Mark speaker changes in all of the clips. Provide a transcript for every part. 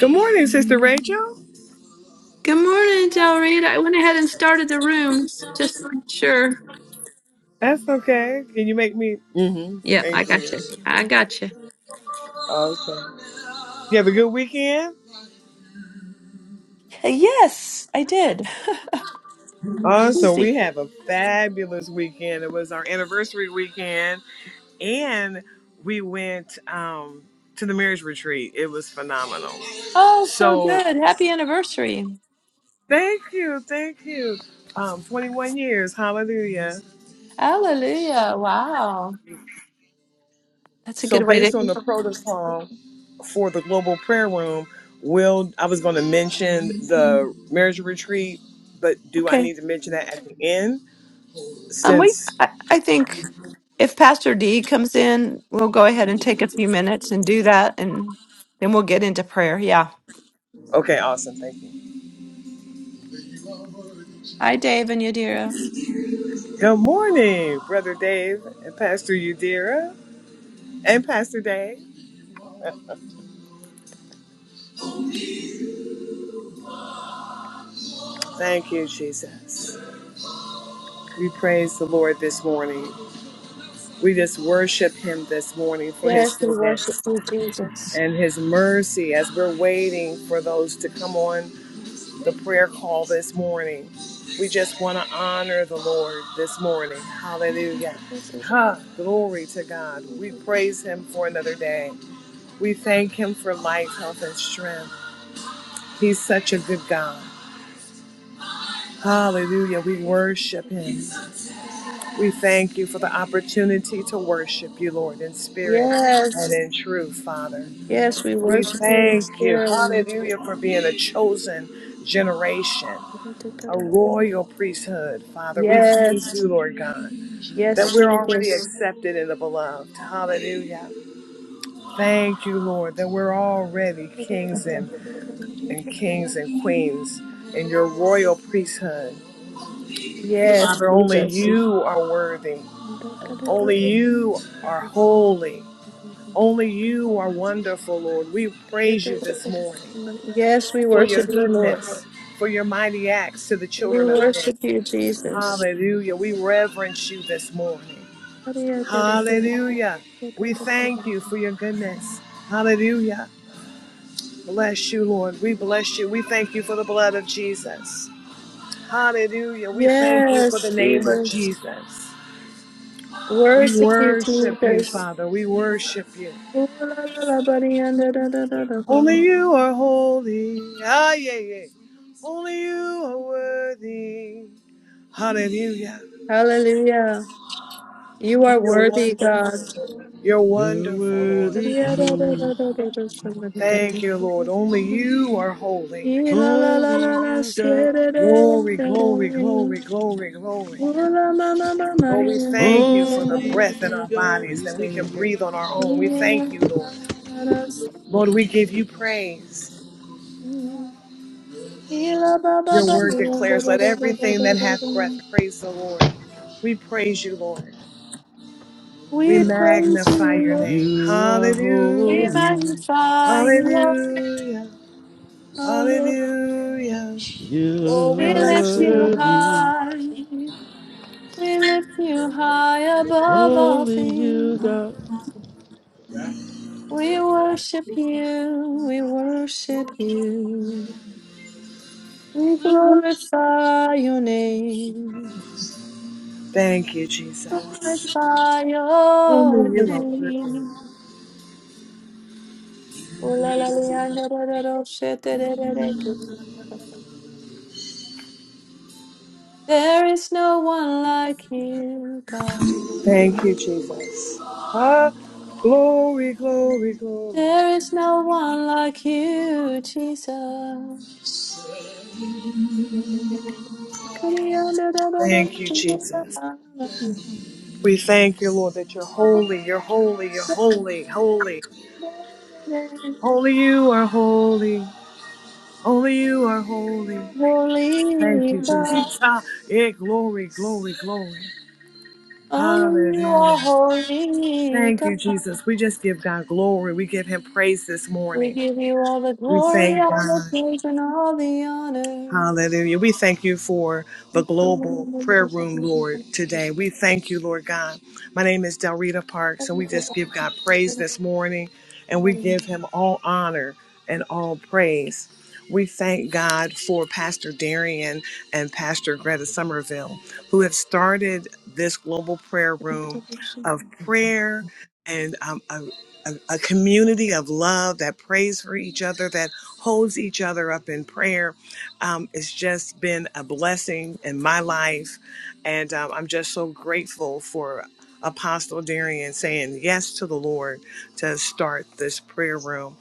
Speaker 1: Good morning, Sister Rachel.
Speaker 2: Good morning, Del Rita. I went ahead and started the rooms just to make sure.
Speaker 1: That's okay. Can you make me? mm hmm
Speaker 2: Yep, I
Speaker 1: Thank
Speaker 2: got
Speaker 1: you.
Speaker 2: you. I got you.
Speaker 1: Awesome. You have a good weekend?
Speaker 2: Uh, Yes, I did.
Speaker 1: Awesome. We
Speaker 2: Lucy.
Speaker 1: have a fabulous weekend. It was our anniversary weekend, and we went um, to the marriage retreat. It was phenomenal.
Speaker 2: Oh, so
Speaker 1: So,
Speaker 2: good. Happy anniversary.
Speaker 1: thank you. Thank you. Um, 21 years. Hallelujah.
Speaker 2: Hallelujah. Wow. That's a
Speaker 1: So
Speaker 2: good way
Speaker 1: based
Speaker 2: to.
Speaker 1: on the protocol for the global prayer room, will I was going to mention the marriage retreat, but do I
Speaker 2: Okay.
Speaker 1: need to mention that at the end?
Speaker 2: Um, we,
Speaker 1: Since
Speaker 2: I, I think if Pastor D comes in, we'll go ahead and take a few minutes and do that, and then we'll get into prayer. Yeah.
Speaker 1: okay, awesome, thank you.
Speaker 2: Hi, Dave and Yadira.
Speaker 1: Good morning, brother Dave and Pastor Udira and Pastor Dave. Thank you, Jesus. We praise the Lord this morning. We just worship Him this morning for His
Speaker 2: Yes, we worship
Speaker 1: goodness
Speaker 2: you, Jesus.
Speaker 1: and His mercy as we're waiting for those to come on the prayer call this morning. We just want to honor the Lord this morning. Hallelujah. Ha, glory to God. We praise him for another day. We thank him for life, health, and strength. He's such a good God. Hallelujah. We worship him. We thank you for the opportunity to worship you, Lord, in spirit and
Speaker 2: Yes.
Speaker 1: in truth, Father.
Speaker 2: Yes, we
Speaker 1: We
Speaker 2: worship you in
Speaker 1: thank you.
Speaker 2: spirit. and in
Speaker 1: Hallelujah
Speaker 2: truth.
Speaker 1: for being a chosen generation. a royal priesthood, Father. We thank
Speaker 2: Yes.
Speaker 1: you, Lord God,
Speaker 2: Yes,
Speaker 1: that we're already
Speaker 2: Jesus.
Speaker 1: accepted in the beloved. Hallelujah. Thank you, Lord, that we're already kings and, and kings and queens in your royal priesthood.
Speaker 2: Yes,
Speaker 1: Father, only
Speaker 2: Jesus.
Speaker 1: you are worthy. Only you are holy. Only you are wonderful, Lord. We praise you this morning.
Speaker 2: Yes, we
Speaker 1: for your
Speaker 2: worship you, Lord.
Speaker 1: goodness, for your mighty acts to the
Speaker 2: We
Speaker 1: children of men.
Speaker 2: worship you, Jesus.
Speaker 1: Hallelujah. We reverence you this morning. Hallelujah. We thank you for your goodness. Hallelujah. Bless you, Lord. We bless you. We thank you for the blood of Jesus. Hallelujah. We thank you for
Speaker 2: Yes,
Speaker 1: the name of
Speaker 2: Jesus.
Speaker 1: Jesus. We
Speaker 2: Worship you,
Speaker 1: worship you,
Speaker 2: Jesus.
Speaker 1: Father. We worship you.
Speaker 2: Ooh, la, la, la, buddy, and da, da, da, da, da, da.
Speaker 1: Only you are holy. Ah, yeah, yeah. Only you are worthy. Hallelujah.
Speaker 2: Hallelujah. You are
Speaker 1: You're
Speaker 2: worthy, God.
Speaker 1: wonderful. You're
Speaker 3: You're
Speaker 1: wonderful, Lord.
Speaker 3: worthy,
Speaker 2: Yeah, da, da, da,
Speaker 3: King.
Speaker 2: da, da, da, somebody got
Speaker 1: Thank you, Lord. Only
Speaker 2: it.
Speaker 1: you are holy.
Speaker 2: Ee, la, la, la, la,
Speaker 3: Only
Speaker 2: la,
Speaker 3: you,
Speaker 2: shee,
Speaker 3: God.
Speaker 2: da, da, da,
Speaker 1: Glory,
Speaker 2: da, da.
Speaker 1: glory, glory,
Speaker 2: Ooh,
Speaker 1: glory, glory.
Speaker 2: la, la, la, la, buddy,
Speaker 1: Lord, we
Speaker 2: and da, da,
Speaker 1: thank you
Speaker 2: da,
Speaker 1: for the
Speaker 2: da,
Speaker 3: Only
Speaker 2: da, da.
Speaker 1: breath in
Speaker 3: you,
Speaker 1: our
Speaker 3: God. Are
Speaker 1: bodies
Speaker 3: you
Speaker 1: that we
Speaker 3: staying
Speaker 1: can
Speaker 3: here?
Speaker 1: breathe on our own. We
Speaker 2: Ee, la,
Speaker 1: thank you,
Speaker 2: la,
Speaker 1: Lord.
Speaker 2: la, la, la, shee.
Speaker 1: Lord, we give you praise.
Speaker 2: Ee, la, ba, ba,
Speaker 1: Your
Speaker 2: ba, da, da,
Speaker 1: word
Speaker 2: da,
Speaker 1: declares, let
Speaker 2: da,
Speaker 1: everything
Speaker 2: da,
Speaker 1: that
Speaker 2: da, da,
Speaker 1: hath breath
Speaker 2: da.
Speaker 1: praise the Lord. We praise you, Lord. We
Speaker 2: We praise you,
Speaker 1: magnify your
Speaker 2: Lord.
Speaker 1: name.
Speaker 3: You are
Speaker 2: We
Speaker 1: Hallelujah.
Speaker 3: holy.
Speaker 2: magnify your
Speaker 1: Hallelujah.
Speaker 2: name, O Lord.
Speaker 1: Hallelujah. Oh,
Speaker 3: You
Speaker 1: we
Speaker 2: We
Speaker 3: are
Speaker 1: bless
Speaker 2: lift
Speaker 1: you,
Speaker 2: you
Speaker 1: Lord.
Speaker 3: worthy.
Speaker 2: high. We lift you high above all
Speaker 3: Only you,
Speaker 2: things.
Speaker 3: God.
Speaker 2: We worship you. We worship you. We glorify your name.
Speaker 1: Thank you, Jesus.
Speaker 2: Glorify your
Speaker 1: Only you are worthy.
Speaker 2: name. There is no one like you, God.
Speaker 1: Thank you, Jesus. Ah, glory, glory, glory.
Speaker 2: There is no one like you, Jesus. Holy
Speaker 1: Thank you, Jesus. We thank you, Lord, that you're holy, you're holy, you're holy, holy. Holy you are holy. Only you are holy. Thank you,
Speaker 2: God,
Speaker 1: Jesus. Ah, yeah, glory, glory, glory.
Speaker 2: only you
Speaker 1: Hallelujah.
Speaker 2: are holy
Speaker 1: Thank you,
Speaker 2: God.
Speaker 1: Jesus. We just give God glory. We give him praise this
Speaker 2: We
Speaker 1: morning.
Speaker 2: give you all the
Speaker 1: We
Speaker 2: glory,
Speaker 1: thank
Speaker 2: all the
Speaker 1: God.
Speaker 2: praise, and all the honor.
Speaker 1: Hallelujah. We thank you for the global prayer room, Lord, today. We thank you, Lord God. My name is Delrita Parks, and we just give God praise this morning, and we give him all honor and all praise. We thank God for Pastor Darian and Pastor Greta Somerville, who have started this global prayer room of prayer and um, a, a a community of love that prays for each other, that holds each other up in prayer. Um, it's just been a blessing in my life. And um, I'm just so grateful for Apostle Darian saying yes to the Lord to start this prayer room.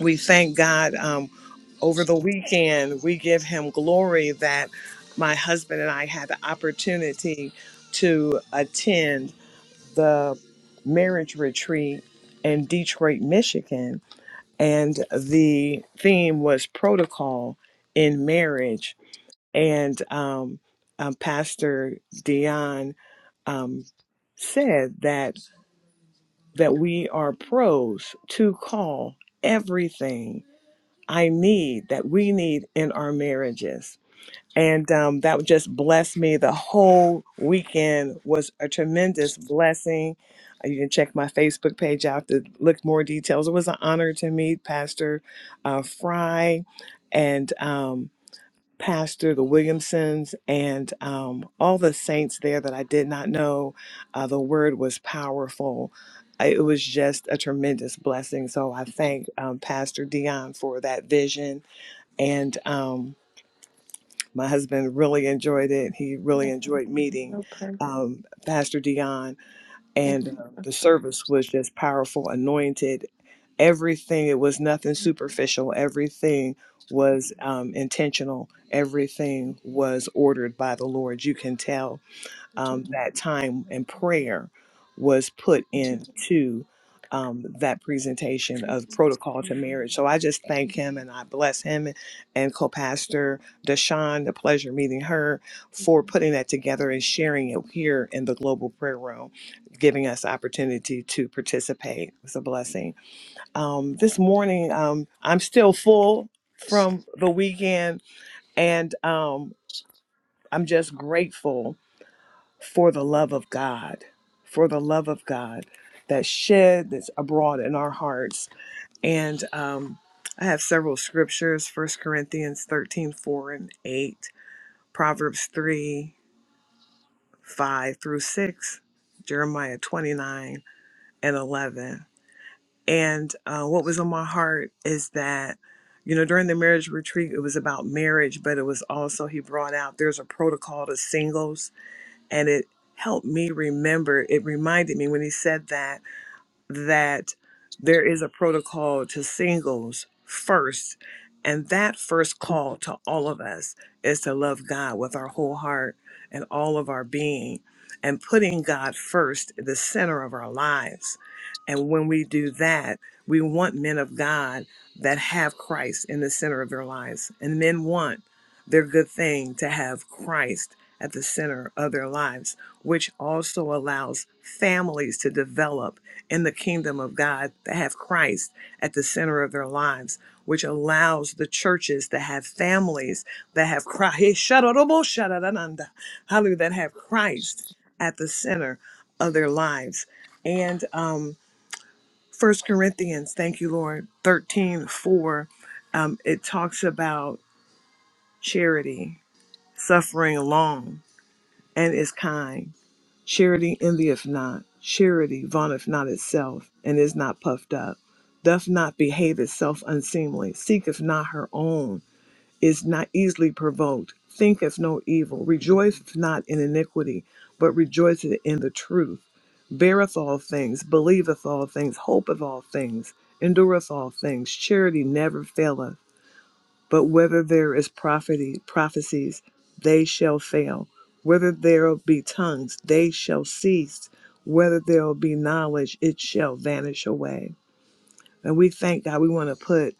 Speaker 1: We thank God um, over the weekend. We give him glory that my husband and I had the opportunity to attend the marriage retreat in Detroit, Michigan. And the theme was protocol in marriage and um, um, Pastor Dion um, said that that we are pros to call everything I need that we need in our marriages. And um, that just blessed me. The whole weekend was a tremendous blessing. Uh, You can check my Facebook page out to look more details. It was an honor to meet Pastor uh, Fry, and um, pastor, the Williamsons, and um, all the saints there that I did not know. Uh, the word was powerful. I- It was just a tremendous blessing. So I thank um, Pastor Dion for that vision. And um, my husband really enjoyed it. He really enjoyed meeting
Speaker 2: No perfect.
Speaker 1: um, Pastor Dion and um,
Speaker 2: I'm
Speaker 1: the service was just powerful, anointed. Everything, it was nothing superficial. Everything was um, intentional. Everything was ordered by the Lord. You can tell um, that time and prayer was put
Speaker 2: perfect.
Speaker 1: into um, that presentation of protocol to marriage. So I just thank him and I bless him and co-pastor Deshawn, the pleasure meeting her for putting that together and sharing it here in the global prayer room, giving us opportunity to participate. It's a blessing. Um, this morning, um, I'm still full from the weekend and um, I'm just grateful for the love of God, for the love of God that shed that's abroad in our hearts. And um, I have several scriptures First Corinthians 13 4 and 8, Proverbs 3, 5 through 6, Jeremiah 29 and 11. And uh, what was on my heart is that, you know, during the marriage retreat, it was about marriage, but it was also, he brought out there's a protocol to singles and it helped me remember it reminded me when he said that that there is a protocol to singles first and that first call to all of us is to love god with our whole heart and all of our being and putting god first the center of our lives and when we do that we want men of god that have christ in the center of their lives and men want their good thing to have Christ at the center of their lives, which also allows families to develop in the kingdom of God to have Christ at the center of their lives, which allows the churches to have families that have Christ, hallelujah, that have Christ at the center of their lives. And um, 1 Corinthians, thank you, Lord, 13 4. um, it talks about charity suffering long and is kind. Charity envieth not. Charity vaunteth not itself, and is not puffed up, doth not behave itself unseemly, seeketh not her own, is not easily provoked, thinketh no evil, rejoiceth not in iniquity, but rejoiceth in the truth, beareth all things, believeth all things, hopeth all things, endureth all things. Charity never faileth. But whether there is prophecy, prophecies, they shall fail. Whether there be tongues, they shall cease. Whether there be knowledge, it shall vanish away. And we thank God. We want to put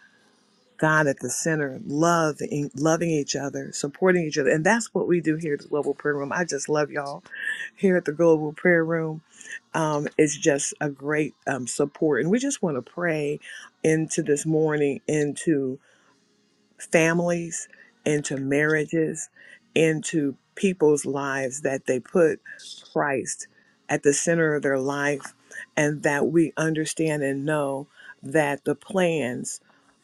Speaker 1: God at the center, love, in- loving each other, supporting each other, and that's what we do here at the Global Prayer Room. I just love y'all here at the Global Prayer Room um, is just a great um, support. And we just want to pray into this morning, into families, into marriages, into people's lives, that they put Christ at the center of their life, and that we understand and know that the plans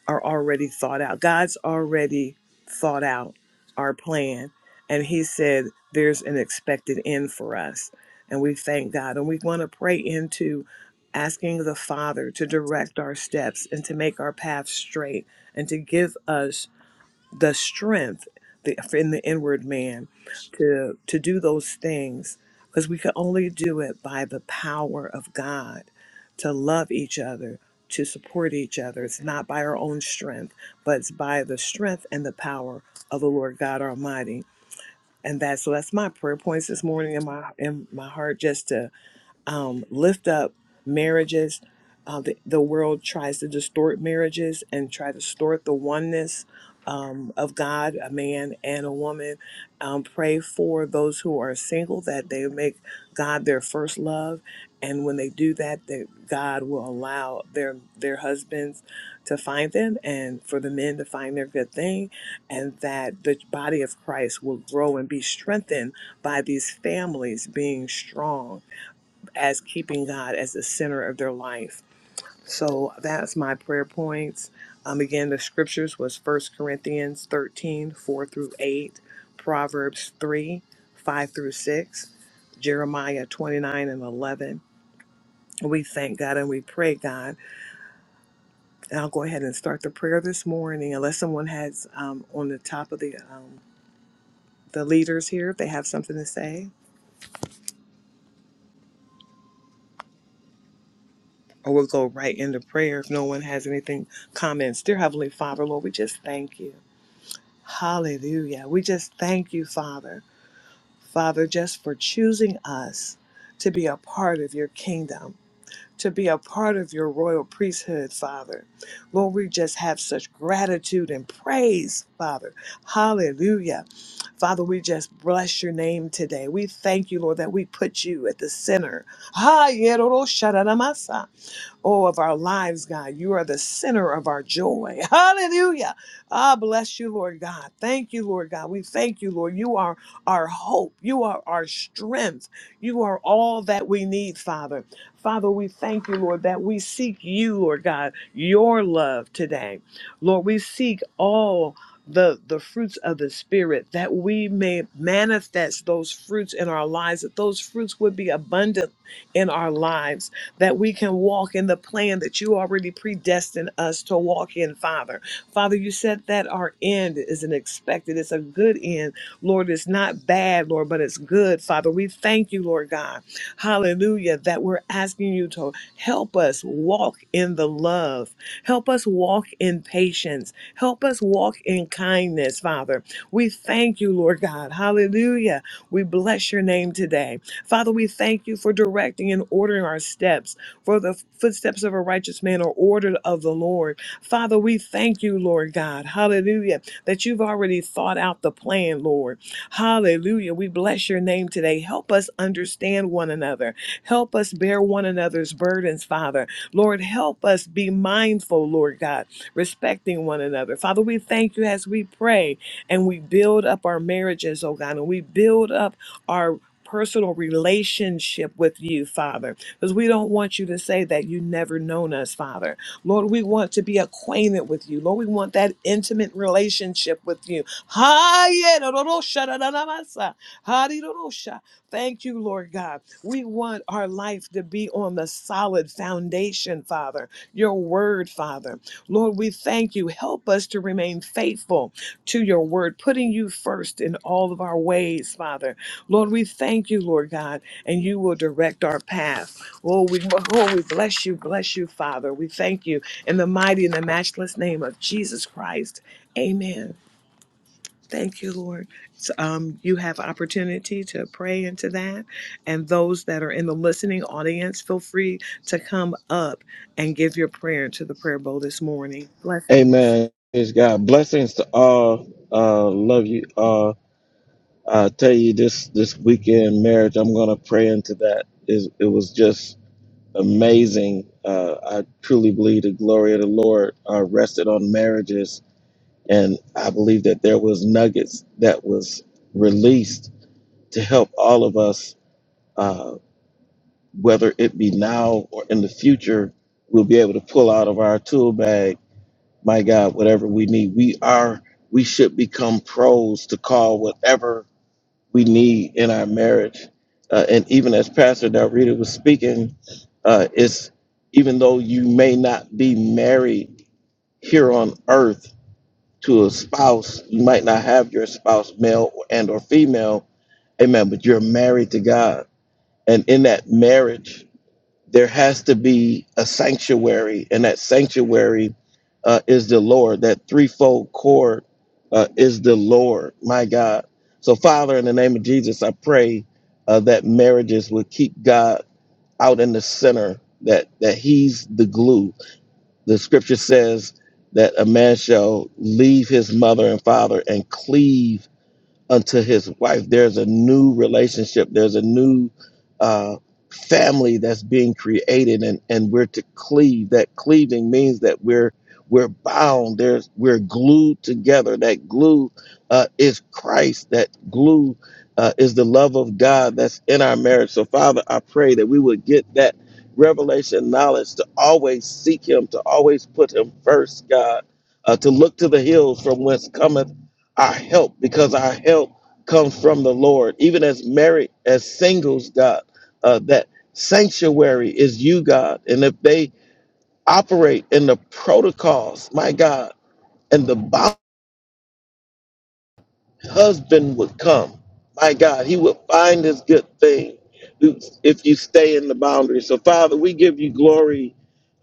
Speaker 1: are already thought out. God's already thought out our plan, and He said there's an expected end for us. And we thank God, and we want to pray into asking the Father to direct our steps and to make our path straight and to give us the strength the, in the inward man to to do those things because we can only do it by the power of God to love each other to support each other it's not by our own strength but it's by the strength and the power of the Lord God Almighty and that's so that's my prayer points this morning in my in my heart just to um, lift up marriages. Uh, the, the world tries to distort marriages and try to distort the oneness um, of God, a man and a woman. Um, pray for those who are single that they make God their first love, and when they do that, that God will allow their their husbands to find them, and for the men to find their good thing, and that the body of Christ will grow and be strengthened by these families being strong as keeping God as the center of their life. So that's my prayer points. Um, again, the scriptures was First Corinthians 13 4 through 8, Proverbs 3, 5 through 6, Jeremiah 29 and 11. We thank God and we pray, God. And I'll go ahead and start the prayer this morning, unless someone has um, on the top of the um, the leaders here, if they have something to say, or we'll go right into prayer if no one has anything comments. Dear Heavenly Father, Lord, we just thank you. Hallelujah. We just thank you, Father. Father, just for choosing us to be a part of your kingdom, to be a part of your royal priesthood, Father. Lord, we just have such gratitude and praise, Father. Hallelujah. Father, we just bless your name today. We thank you, Lord, that we put you at the center. Ha, oh, of our lives, God. You are the center of our joy. Hallelujah. Ah, bless you, Lord God. Thank you, Lord God. We thank you, Lord. You are our hope. You are our strength. You are all that we need, Father. Father, we thank you, Lord, that we seek you, Lord God, your love today. Lord, we seek all the the fruits of the spirit that we may manifest those fruits in our lives that those fruits would be abundant in our lives that we can walk in the plan that you already predestined us to walk in, Father. Father, you said that our end is an expected, it's a good end. Lord, it's not bad, Lord, but it's good, Father. We thank you, Lord God. Hallelujah, that we're asking you to help us walk in the love, help us walk in patience, help us walk in kindness, Father. We thank you, Lord God. Hallelujah. We bless your name today. Father, we thank you for directing and ordering our steps, for the footsteps of a righteous man are ordered of the Lord. Father, we thank you, Lord God. Hallelujah. That you've already thought out the plan, Lord. Hallelujah. We bless your name today. Help us understand one another. Help us bear one another's burdens, Father. Lord, help us be mindful, Lord God, respecting one another. Father, we thank you as we pray and we build up our marriages, oh God, and we build up our personal relationship with you, Father, because we don't want you to say that you never known us, Father. Lord, we want to be acquainted with you. Lord, we want that intimate relationship with you. Ha-ye-do-do-do-sha-da-da-da-ma-sa. Ha-dee-do-do-sha. Thank you, Lord God. We want our life to be on the solid foundation, Father, your word, Father. Lord, we thank you. Help us to remain faithful to your word, putting you first in all of our ways, Father. Lord, we thank you, Lord God, and you will direct our path. Oh, we, oh, we bless you, bless you, Father. We thank you in the mighty and the matchless name of Jesus Christ. Amen. Thank you, Lord. So, um, you have opportunity to pray into that, and those that are in the listening audience, feel free to come up and give your prayer into the prayer bowl this morning. Blessings.
Speaker 3: Amen. Praise God. Blessings to all. Uh, love you all. I tell you, this this weekend marriage, I'm gonna pray into that. It, it was just amazing. Uh, I truly believe the glory of the Lord uh, rested on marriages and i believe that there was nuggets that was released to help all of us uh, whether it be now or in the future we'll be able to pull out of our tool bag my god whatever we need we are we should become pros to call whatever we need in our marriage uh, and even as pastor Dalrita was speaking uh, it's even though you may not be married here on earth to a spouse. You might not have your spouse, male and or female, amen, but you're married to God. And in that marriage, there has to be a sanctuary, and that sanctuary uh, is the Lord. That threefold cord uh, is the Lord, my God. So, Father, in the name of Jesus, I pray uh, that marriages will keep God out in the center, that that He's the glue, the scripture says that a man shall leave his mother and father and cleave unto his wife. There's a new relationship. There's a new uh, family that's being created, and and we're to cleave. That cleaving means that we're we're bound. There's we're glued together. That glue uh, is Christ. That glue uh, is the love of God that's in our marriage. So Father, I pray that we would get that revelation knowledge to always seek Him, to always put Him first, God. Uh, to look to the hills from whence cometh our help because our help comes from the Lord. Even as married, as singles, God, uh, that sanctuary is you, God. And if they operate in the protocols, my God, and the husband would come. My God, he would find his good thing if you stay in the boundary. So, Father, we give you glory.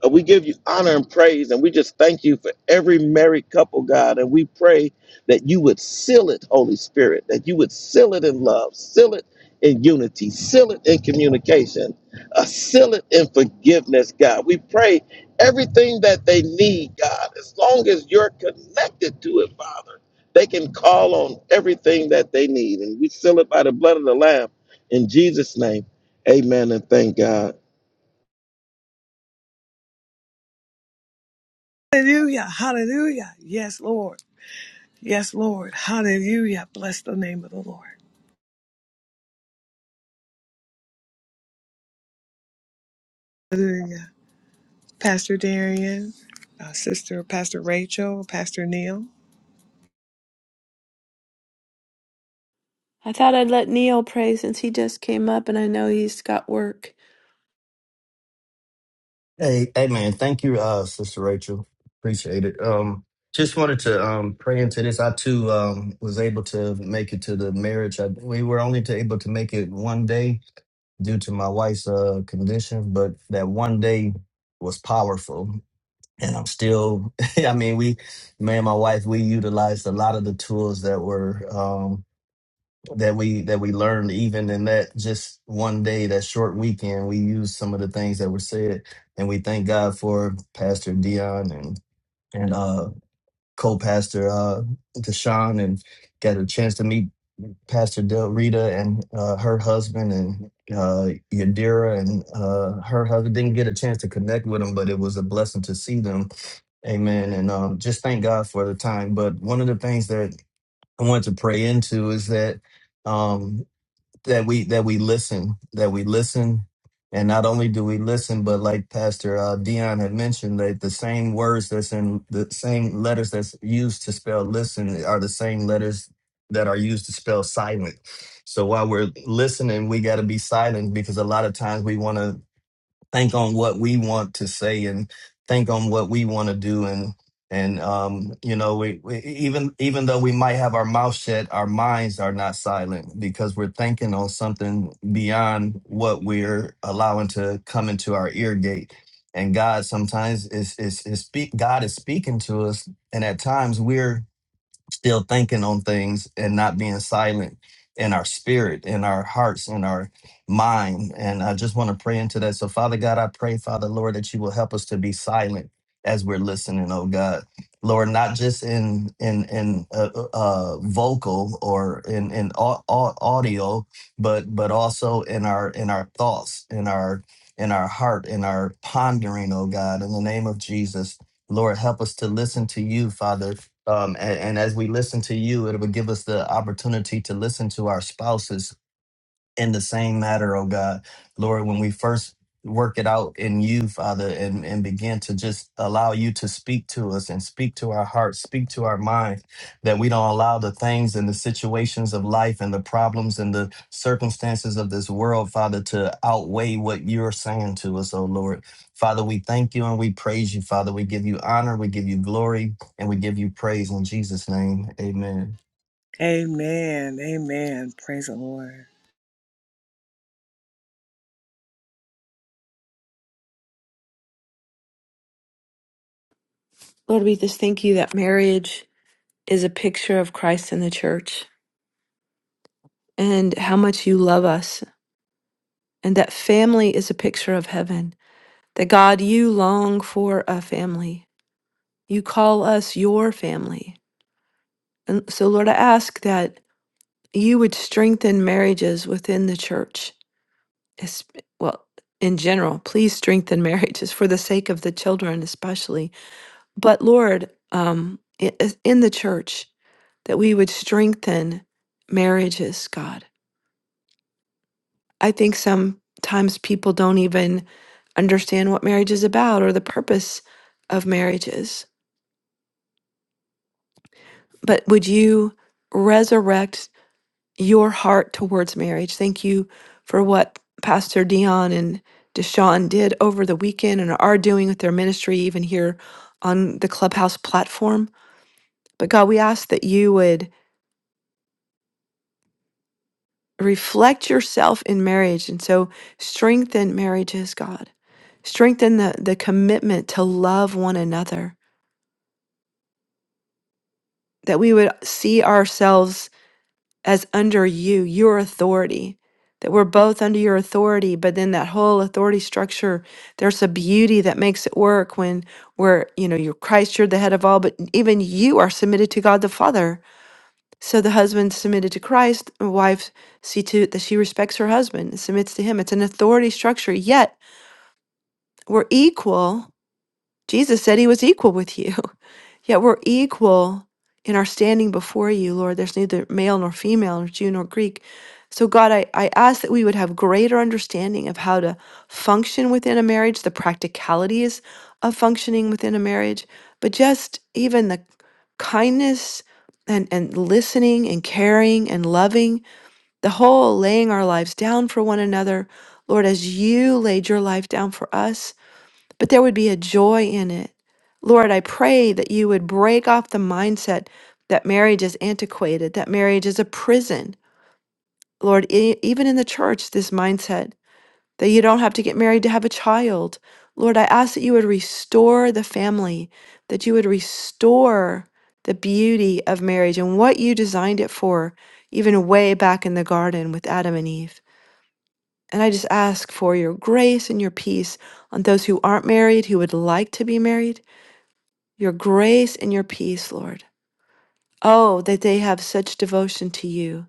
Speaker 3: uh, We give you honor and praise, and we just thank you for every married couple, God. And we pray that you would seal it, Holy Spirit, that you would seal it in love, seal it in unity, seal it in communication, uh, seal it in forgiveness, God. We pray everything that they need, God, as long as you're connected to it, Father. They can call on everything that they need. And we seal it by the blood of the Lamb. In Jesus' name, amen and thank God.
Speaker 1: Hallelujah. Hallelujah. Yes, Lord. Yes, Lord. Hallelujah. Bless the name of the Lord. Hallelujah. Pastor Darian, uh, Sister Pastor Rachel, Pastor Neil.
Speaker 2: I thought I'd let Neil pray since he just came up and I know he's got work.
Speaker 4: Hey, hey, man! Thank you, uh, Sister Rachel. Appreciate it. Um, just wanted to um, pray into this. I too um, was able to make it to the marriage. I, we were only to able to make it one day due to my wife's uh, condition, but that one day was powerful. And I'm still. I mean, we, me and my wife, we utilized a lot of the tools that were. um, that we that we learned even in that just one day that short weekend we used some of the things that were said and we thank god for pastor dion and and uh co-pastor uh deshaun and got a chance to meet pastor del rita and uh her husband and uh yadira and uh her husband didn't get a chance to connect with them but it was a blessing to see them amen and um just thank god for the time but one of the things that i wanted to pray into is that um that we that we listen that we listen and not only do we listen but like pastor uh, dion had mentioned that the same words that's in the same letters that's used to spell listen are the same letters that are used to spell silent so while we're listening we got to be silent because a lot of times we want to think on what we want to say and think on what we want to do and and um you know we, we e-, even even though we might have our mouth shut our minds are not silent because we're thinking on something beyond what we're allowing to come into our ear gate and god sometimes is is, is speak god is speaking to us and at times we're still thinking on things and not being silent in our spirit, in our hearts, in our mind. And I just want to pray into that. So, Father God, I pray, Father Lord, that you will help us to be silent as we're listening, oh God. Lord, not just in in in uh, uh, uh, vocal or in in au- au- audio, but but also in our in our thoughts, in our in our heart, in our pondering, oh God, in the name of Jesus. Lord, help us to listen to you, Father. Um, and, and as we listen to you, it will give us the opportunity to listen to our spouses in the same matter, oh God. Lord, when we first work it out in you, Father, and, and begin to just allow you to speak to us and speak to our hearts, speak to our minds, that we don't allow the things and the situations of life and the problems and the circumstances of this world, Father, to outweigh what you're saying to us, oh Lord. Father, we thank you and we praise you, Father. We give you honor, we give you glory, and we give you praise in Jesus' name. Amen.
Speaker 1: Amen. Amen. Praise the Lord.
Speaker 2: Lord, we just thank you that marriage is a picture of Christ and the church and how much you love us, and that family is a picture of heaven. That God, you long for a family. You call us your family. And so, Lord, I ask that you would strengthen marriages within the church. es- Well, in general, please strengthen marriages for the sake of the children, especially But Lord, um, i- i- in the church, that we would strengthen marriages, God. I think sometimes people don't even understand what marriage is about or the purpose of marriages. But would you resurrect your heart towards marriage? Thank you for what Pastor Dion and Deshaun did over the weekend and are doing with their ministry, even here on the Clubhouse platform. But God, we ask that you would. reflect yourself in marriage and so strengthen marriages god strengthen the, the commitment to love one another that we would see ourselves as under you your authority that we're both under your authority but then that whole authority structure there's a beauty that makes it work when we're you know you're christ you're the head of all but even you are submitted to god the father So the husband submitted to Christ, and wife see to it that she respects her husband and submits to him. It's an authority structure, yet we're equal. Jesus said he was equal with you. Yet we're equal in our standing before you, Lord. There's neither male nor female, nor Jew nor Greek. So, God, I, I ask that we would have greater understanding of how to function within a marriage, the practicalities of functioning within a marriage, but just even the kindness and, and listening and caring and loving, the whole laying our lives down for one another. Lord, as you laid your life down for us, but there would be a joy in it. Lord, I pray that you would break off the mindset that marriage is antiquated, that marriage is a prison. Lord, e- even in the church, this mindset that you don't have to get married to have a child. Lord, I ask that you would restore the family, that you would restore the beauty of marriage and what you designed it for, even way back in the garden with Adam and Eve. And I just ask for your grace and your peace on those who aren't married, who would like to be married your grace and your peace, Lord. Oh, that they have such devotion to you,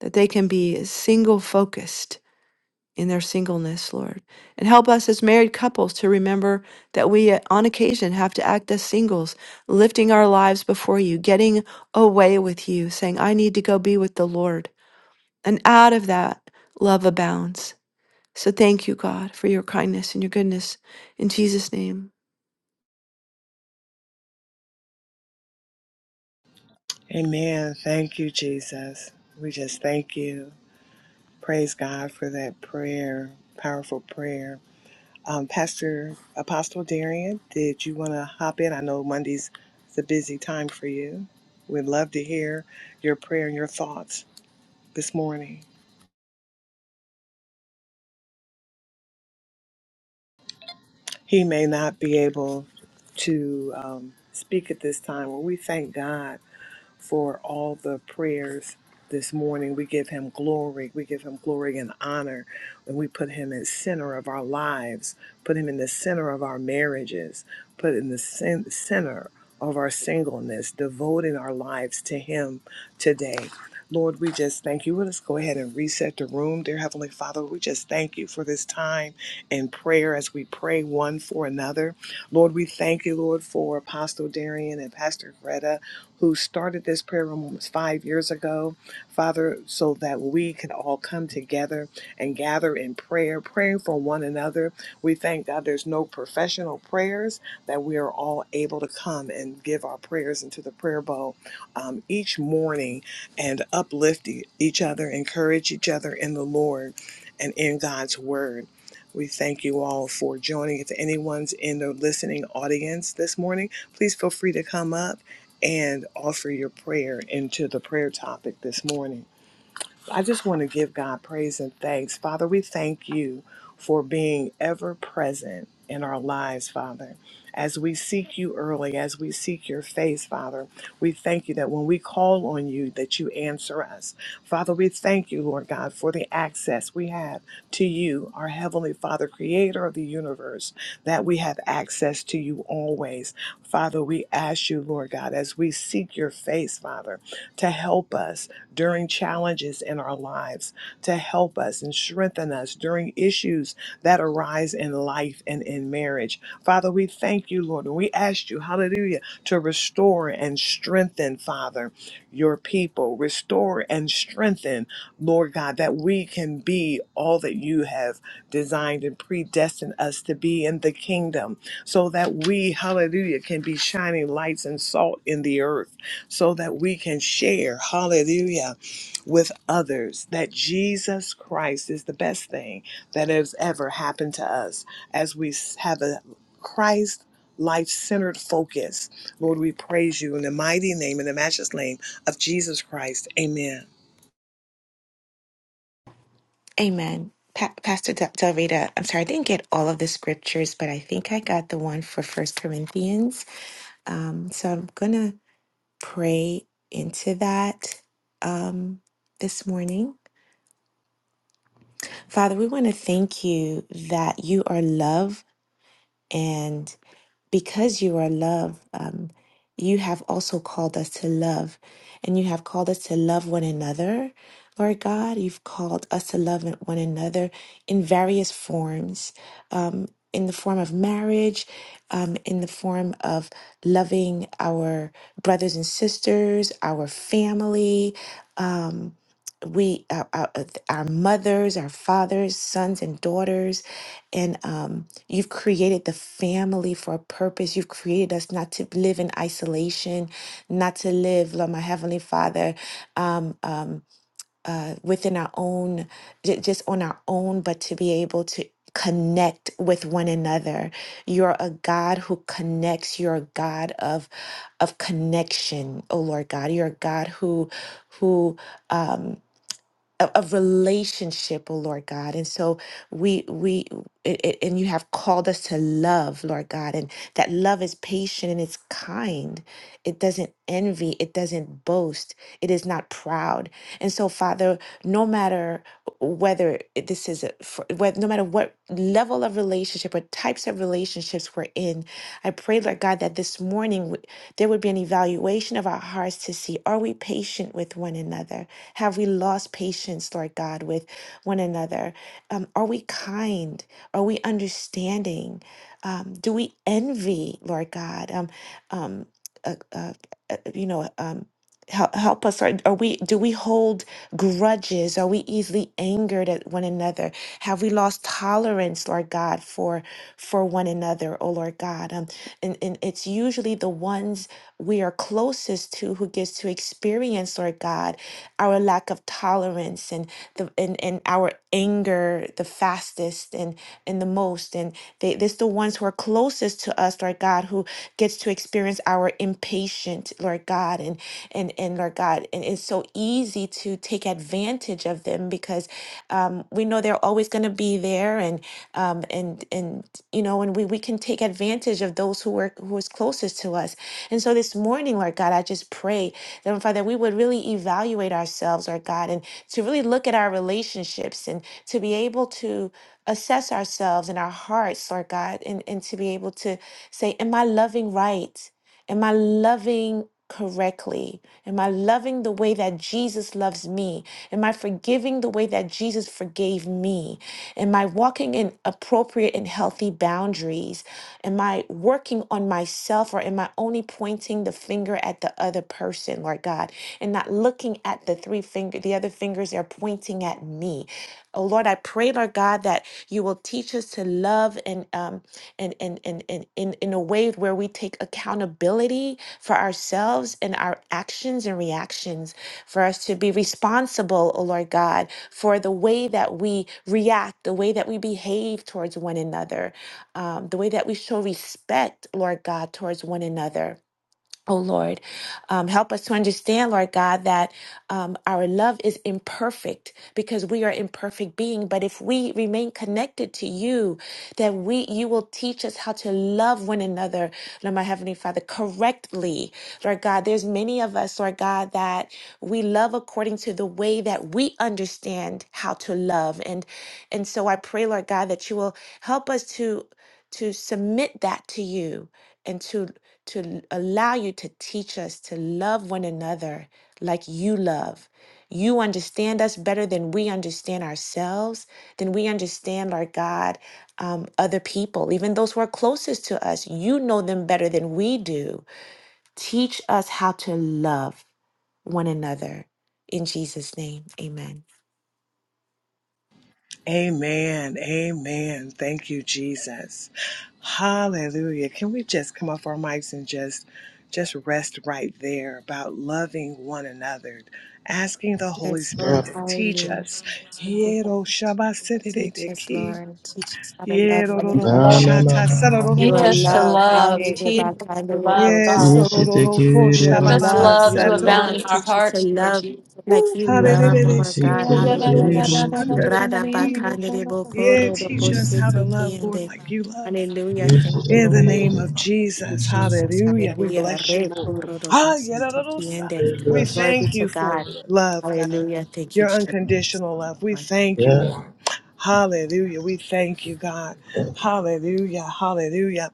Speaker 2: that they can be single focused in their singleness, Lord. And help us as married couples to remember that we, uh, on occasion, have to act as singles, lifting our lives before you, getting away with you, saying, I need to go be with the Lord. And out of that, love abounds. So thank you, God, for your kindness and your goodness. In Jesus' name.
Speaker 1: Amen. Thank you, Jesus. We just thank you. Praise God for that prayer, powerful prayer. Um, Pastor Apostle Darian, did you want to hop in? I know Monday's is a busy time for you. We'd love to hear your prayer and your thoughts this morning. He may not be able to um, speak at this time. Well, we thank God for all the prayers this morning. We give him glory. We give him glory and honor. And we put him in the center of our lives, put him in the center of our marriages, put in the cen- center of our singleness, devoting our lives to him today. Lord, we just thank you. Let us go ahead and reset the room. Dear Heavenly Father, we just thank you for this time in prayer as we pray one for another. Lord, we thank you, Lord, for Apostle Darian and Pastor Greta who started this prayer room almost five years ago, Father, so that we can all come together and gather in prayer, praying for one another. We thank God there's no professional prayers, that we are all able to come and give our prayers into the prayer bowl um, each morning and uplift e- each other, encourage each other in the Lord and in God's Word. We thank you all for joining. If anyone's in the listening audience this morning, please feel free to come up and offer your prayer into the prayer topic this morning. I just want to give God praise and thanks. Father, we thank you for being ever present in our lives, Father. As we seek you early, as we seek your face, Father, we thank you that when we call on you, that you answer us. Father, we thank you, Lord God, for the access we have to you, our Heavenly Father, creator of the universe, that we have access to you always. Father, we ask you, Lord God, as we seek your face, Father to help us during challenges in our lives, to help us and strengthen us during issues that arise in life and in marriage. Father, we thank you, Lord, and we ask you, hallelujah, to restore and strengthen, Father, your people. Restore and strengthen, Lord God, that we can be all that you have designed and predestined us to be in the kingdom so that we, hallelujah, can be shining lights and salt in the earth so that we can share, hallelujah, with others that Jesus Christ is the best thing that has ever happened to us as we have a Christ life centered focus. Lord, we praise you in the mighty name and the matchless name of Jesus Christ. Amen.
Speaker 5: Amen. Pa- Pastor Del- Del Rita, I'm sorry, I didn't get all of the scriptures, but I think I got the one for First Corinthians. Um, so I'm going to pray into that um, this morning. Father, we want to thank you that you are love. because you are love, um, you have also called us to love, and you have called us to love one another. Lord God, you've called us to love one another in various forms, um, in the form of marriage, um, in the form of loving our brothers and sisters, our family. um, we our, our, our mothers our fathers sons and daughters and um, you've created the family for a purpose you've created us not to live in isolation not to live lord my heavenly father um, um, uh, within our own j- just on our own but to be able to connect with one another you're a god who connects you're a god of of connection oh lord god you're a god who who of, of relationship, oh Lord God. And so we we it, it- and you have called us to love, Lord God, and that love is patient and it's kind. It doesn't envy, it doesn't boast, it is not proud. And so, Father, no matter whether it- this is a, whether, no matter what level of relationship or types of relationships we're in, I pray, Lord God, that this morning w- there would be an evaluation of our hearts to see are we patient with one another? Have we lost patience, Lord God, with one another? Um, are we kind? Are we understanding? Um, do we envy, Lord God? Um, um, uh, uh, uh, you know. um, help, help us are, are we do we hold grudges are we easily angered at one another have we lost tolerance lord god for for one another oh lord god um, and, and it's usually the ones we are closest to who gets to experience lord god our lack of tolerance and the and, and our anger the fastest and and the most and they this the ones who are closest to us lord god who gets to experience our impatience mind, Lord God, and and and Lord God, and it's so easy to take advantage of them because um, we know they're always going to be there, and um, and and you know, and we we can take advantage of those who are who is closest to us. And so this morning, Lord God, I just pray that Lord Father, we would really evaluate ourselves, Lord God, and to really look at our relationships and to be able to assess ourselves and our hearts, Lord God, and, and to be able to say, Am I loving right? Am I loving correctly? Am I loving the way that Jesus loves me? Am I forgiving the way that Jesus forgave me? Am I walking in appropriate and healthy boundaries? Am I working on myself or am I only pointing the finger at the other person, Lord God, and not looking at the three finger the other fingers they're pointing at me? Oh Lord, I pray, Lord God, that you will teach us to love and um and and and, and in, in a way where we take accountability for ourselves and our actions and reactions, for us to be responsible, oh Lord God, for the way that we react, the way that we behave towards one another, um, the way that we show respect, Lord God, towards one another. Oh Lord, um, help us to understand, Lord God, that um, our love is imperfect because we are imperfect being. But if we remain connected to you, that we you will teach us how to love one another, Lord my heavenly Father, correctly, Lord God. There's many of us, Lord God, that we love according to the way that we understand how to love, and and so I pray, Lord God, that you will help us to to submit that to you and to to allow you to teach us to love one another like you love. You understand us better than we understand ourselves, than we understand, Lord God, um, other people, even those who are closest to us. You know them better than we do. Teach us how to love one another. In Jesus' name, amen.
Speaker 1: Amen. Amen. Thank you, Jesus. Hallelujah. Can we just come off our mics and just just rest right there about loving one another, asking the Holy
Speaker 5: Yes,
Speaker 3: Na
Speaker 1: Spirit
Speaker 5: Lord.
Speaker 1: to teach
Speaker 5: Hallelujah.
Speaker 1: us. Hiero shaba
Speaker 5: Teach us,
Speaker 1: sededeki.
Speaker 5: Lord. Teach us how to love
Speaker 1: Hiero
Speaker 5: one
Speaker 1: rorobo
Speaker 3: na na
Speaker 5: another.
Speaker 3: na na
Speaker 1: shata
Speaker 3: na.
Speaker 5: You
Speaker 2: Teach
Speaker 5: are
Speaker 1: sarororo
Speaker 2: us to
Speaker 5: love.
Speaker 2: love.
Speaker 1: shandedeki.
Speaker 2: Teach
Speaker 5: Hallelujah.
Speaker 2: us to love
Speaker 1: Yes,
Speaker 2: God.
Speaker 3: Yesi te
Speaker 1: sorororo ko
Speaker 5: You
Speaker 3: kiri
Speaker 5: are
Speaker 1: shaba
Speaker 2: Just
Speaker 1: baba
Speaker 5: love.
Speaker 3: basata.
Speaker 2: love
Speaker 5: You
Speaker 2: to
Speaker 5: are
Speaker 2: abound
Speaker 5: love.
Speaker 2: in our
Speaker 1: satororo.
Speaker 5: Teach us to
Speaker 2: hearts, Lord
Speaker 5: love
Speaker 2: Jesus.
Speaker 5: like
Speaker 1: Ooh,
Speaker 5: you
Speaker 3: Na
Speaker 5: love.
Speaker 3: na
Speaker 5: Oh
Speaker 3: na
Speaker 1: harerere
Speaker 5: my
Speaker 1: si
Speaker 3: se
Speaker 5: God.
Speaker 3: te
Speaker 1: korororo
Speaker 3: kiri
Speaker 5: Hallelujah.
Speaker 3: bosu.
Speaker 5: Rada
Speaker 1: shandedeki.
Speaker 5: bakande de
Speaker 1: Yeah,
Speaker 5: bokoro de
Speaker 1: teach us how to love, Lord,
Speaker 5: boshete
Speaker 1: like you love.
Speaker 5: Hallelujah.
Speaker 3: Yesi
Speaker 5: Thank you,
Speaker 3: te
Speaker 1: In the
Speaker 5: Lord. Thank
Speaker 1: name
Speaker 3: kiri.
Speaker 1: of
Speaker 5: you,
Speaker 1: Jesus.
Speaker 5: Jesus.
Speaker 1: Hallelujah. We
Speaker 5: Hallelujah.
Speaker 1: bless you,
Speaker 5: Rek
Speaker 1: Lord.
Speaker 5: orodo
Speaker 1: Ah, yeah,
Speaker 5: bosi
Speaker 1: yadadadosa.
Speaker 5: tekiende.
Speaker 1: We
Speaker 3: Bless
Speaker 5: Glory be
Speaker 1: thank
Speaker 5: to
Speaker 1: you for
Speaker 5: God.
Speaker 1: your love, God.
Speaker 5: Hallelujah. Thank you,
Speaker 1: Your
Speaker 5: Jesus.
Speaker 1: unconditional love. We thank you,
Speaker 3: Yeah.
Speaker 1: Lord. Hallelujah. We thank you, God. Hallelujah. Hallelujah.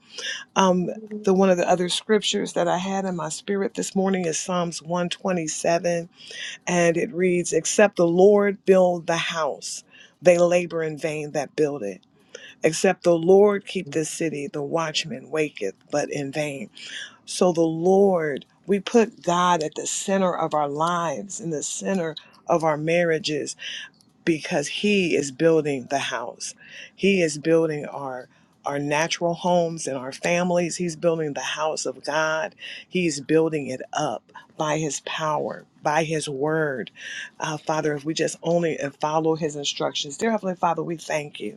Speaker 1: Um, the one of the other scriptures that I had in my spirit this morning is Psalms 127, and it reads, Except the Lord build the house, they labor in vain that build it. Except the Lord keep the city, the watchman waketh, but in vain. So the Lord, we put God at the center of our lives, in the center of our marriages, because He is building the house. He is building our our natural homes and our families. He's building the house of God. He's building it up by His power, by His word. Uh, Father, if we just only uh, follow His instructions, dear Heavenly Father, we thank you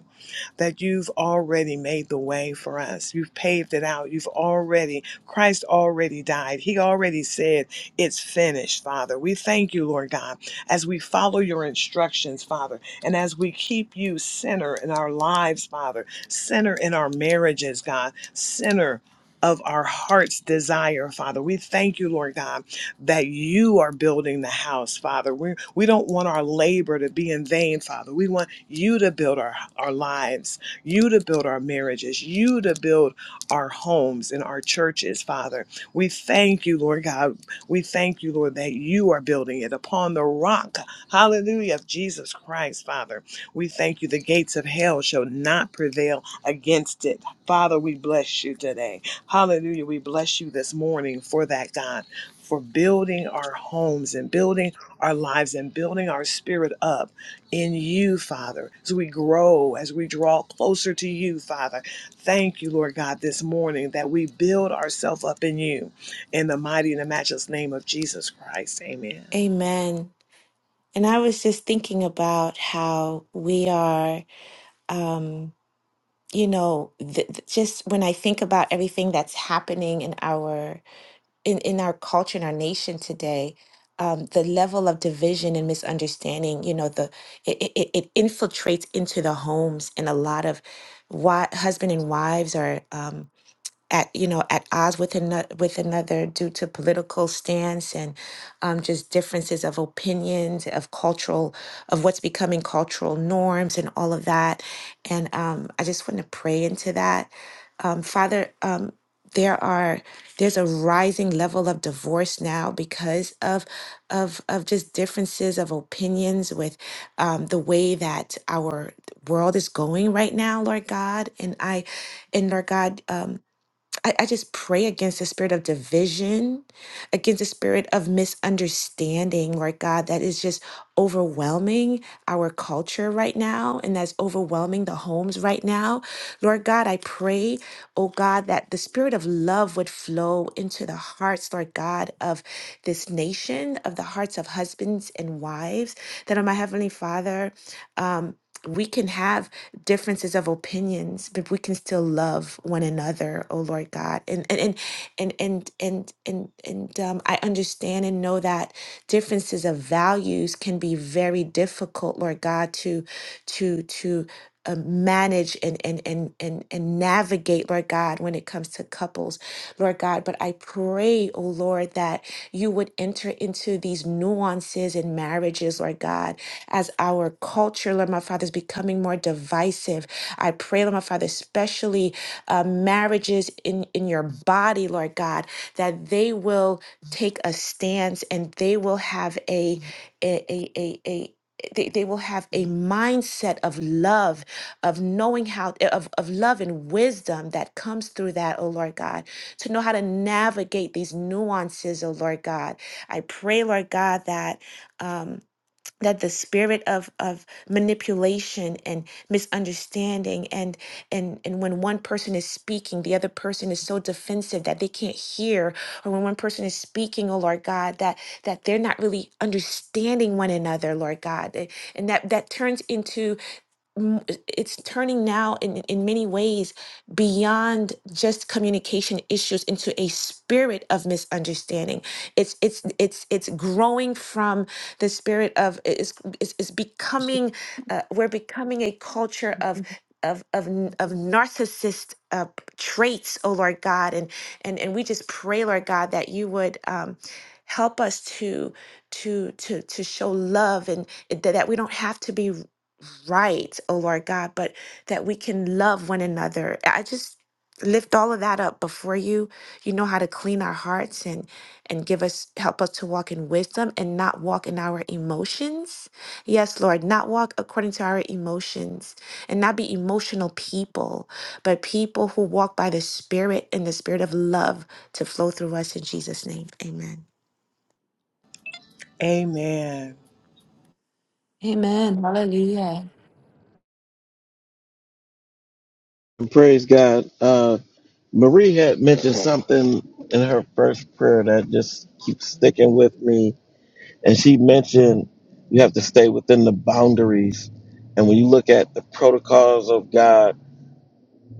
Speaker 1: that you've already made the way for us. You've paved it out. You've already, Christ already died. He already said, It's finished, Father. We thank you, Lord God, as we follow your instructions, Father, and as we keep you center in our lives, Father, center in our marriages, God, center. Of our heart's desire, Father. We thank you, Lord God, that you are building the house, Father. We, we don't want our labor to be in vain, Father. We want you to build our, our lives, you to build our marriages, you to build our homes and our churches, Father. We thank you, Lord God. We thank you, Lord, that you are building it upon the rock, hallelujah, of Jesus Christ, Father. We thank you. The gates of hell shall not prevail against it. Father, we bless you today. Hallelujah. We bless you this morning for that, God for building our homes and building our lives and building our spirit up in you, Father, as we grow, as we draw closer to you, Father. Thank you, Lord God, this morning that we build ourselves up in you. In the mighty and the matchless name of Jesus Christ. Amen.
Speaker 5: Amen. And I was just thinking about how we are, um, you know, th- th- just when I think about everything that's happening in our in in our culture in our nation today um, the level of division and misunderstanding you know the it, it, it it infiltrates into the homes and a lot of why husband and wives are um, at you know at odds with another with another due to political stance and um, just differences of opinions of cultural of what's becoming cultural norms and all of that and um, i just want to pray into that um, father um, there are there's a rising level of divorce now because of of of just differences of opinions with um, the way that our world is going right now lord god and i and lord god um, I, I just pray against the spirit of division, against the spirit of misunderstanding, Lord God, that is just overwhelming our culture right now and that's overwhelming the homes right now. Lord God, I pray, oh God, that the spirit of love would flow into the hearts, Lord God, of this nation, of the hearts of husbands and wives, that, oh my Heavenly Father, um, we can have differences of opinions, but we can still love one another, oh Lord God. And and and and and and and, and um, I understand and know that differences of values can be very difficult, Lord God, to to to uh, manage and and and and and navigate, Lord God, when it comes to couples, Lord God. But I pray, oh Lord, that you would enter into these nuances in marriages, Lord God as our culture, Lord my Father, is becoming more divisive. I pray, Lord my Father, especially uh, marriages in, in your body, Lord God, that they will take a stance and they will have a a a a, a they, they will have a mindset of love of knowing how of, of love and wisdom that comes through that oh lord god to know how to navigate these nuances oh lord god i pray lord god that um that the spirit of of manipulation and misunderstanding and and and when one person is speaking the other person is so defensive that they can't hear or when one person is speaking oh lord god that that they're not really understanding one another lord god eh, and that that turns into m- it's turning now in, in many ways beyond just communication issues into a spirit of misunderstanding it's it's it's it's growing from the spirit of it's it's, it's becoming uh, we're becoming a culture of of of, n- of narcissist uh, traits oh lord god and and and we just pray lord god that you would um help us to to to to show love and that that we don't have to be right, oh Lord God, but that we can love one another. I just lift all of that up before you. You know how to clean our hearts and and give us help us to walk in wisdom and not walk in our emotions. Yes, Lord, not walk according to our emotions and not be emotional people, but people who walk by the spirit and the spirit of love to flow through us in Jesus name. Amen.
Speaker 1: Amen.
Speaker 2: Amen. Hallelujah.
Speaker 3: And praise God. Uh, Marie had mentioned something in her first prayer that just keeps sticking with me. And she mentioned you have to stay within the boundaries. And when you look at the protocols of God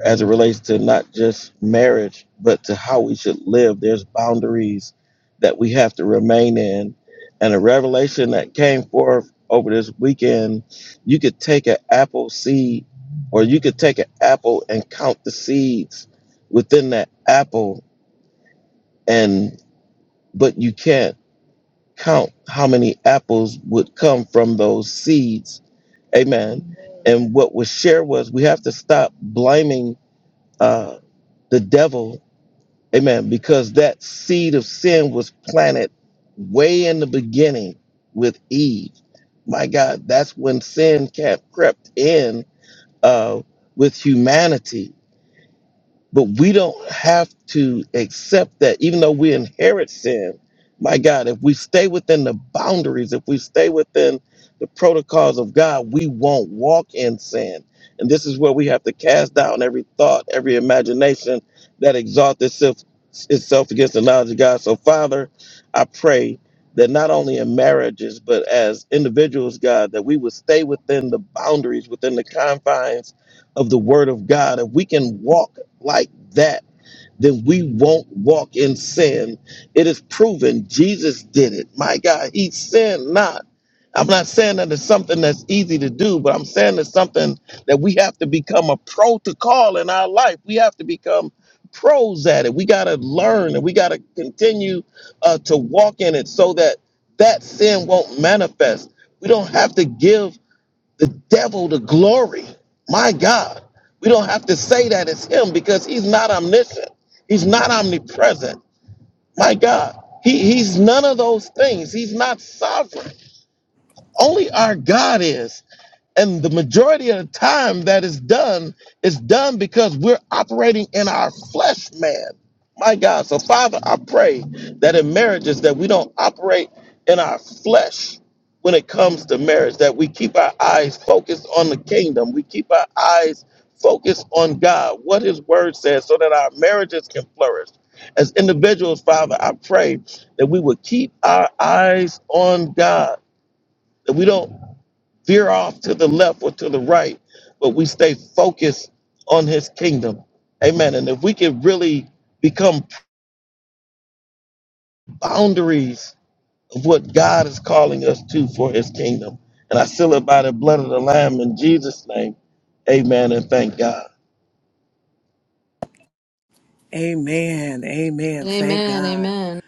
Speaker 3: as it relates to not just marriage, but to how we should live, there's boundaries that we have to remain in. And a revelation that came forth over this weekend, you could take an apple seed or you could take an apple and count the seeds within that apple and but you can't count how many apples would come from those seeds. Amen. And what was shared was we have to stop blaming uh, the devil. Amen. Because that seed of sin was planted way in the beginning with Eve. My God, that's when sin kept crept in uh, with humanity but we don't have to accept that, even though we inherit sin. My God, if we stay within the boundaries, if we stay within the protocols of God, we won't walk in sin. And this is where we have to cast down every thought, every imagination that exalts itself, itself against the knowledge of God. So, Father, I pray that not only in marriages, but as individuals, God, that we would stay within the boundaries, within the confines of the Word of God. If we can walk like that, then we won't walk in sin. It is proven Jesus did it. My God, he sinned not. I'm not saying that it's something that's easy to do, but I'm saying it's something that we have to become a protocol in our life. We have to become pros at it. We got to learn and we got to continue uh, to walk in it so that that sin won't manifest. We don't have to give the devil to glory. My God. We don't have to say that it's him because he's not omniscient. He's not omnipresent. My God. He, he's none of those things. He's not sovereign. Only our God is. And the majority of the time that is done is done because we're operating in our flesh, man. My God. So, Father, I pray that in marriages that we don't operate in our flesh when it comes to marriage, that we keep our eyes focused on the kingdom. We keep our eyes focused on God, what his word says, so that our marriages can flourish. As individuals, Father, I pray that we would keep our eyes on God, that we don't veer off to the left or to the right, but we stay focused on his kingdom. Amen. And if we can really become boundaries of what God is calling us to for his kingdom. And I seal it by the blood of the Lamb in Jesus' name. Amen. And thank God.
Speaker 1: Amen. Amen. Thank
Speaker 2: Amen.
Speaker 1: God.
Speaker 2: Amen.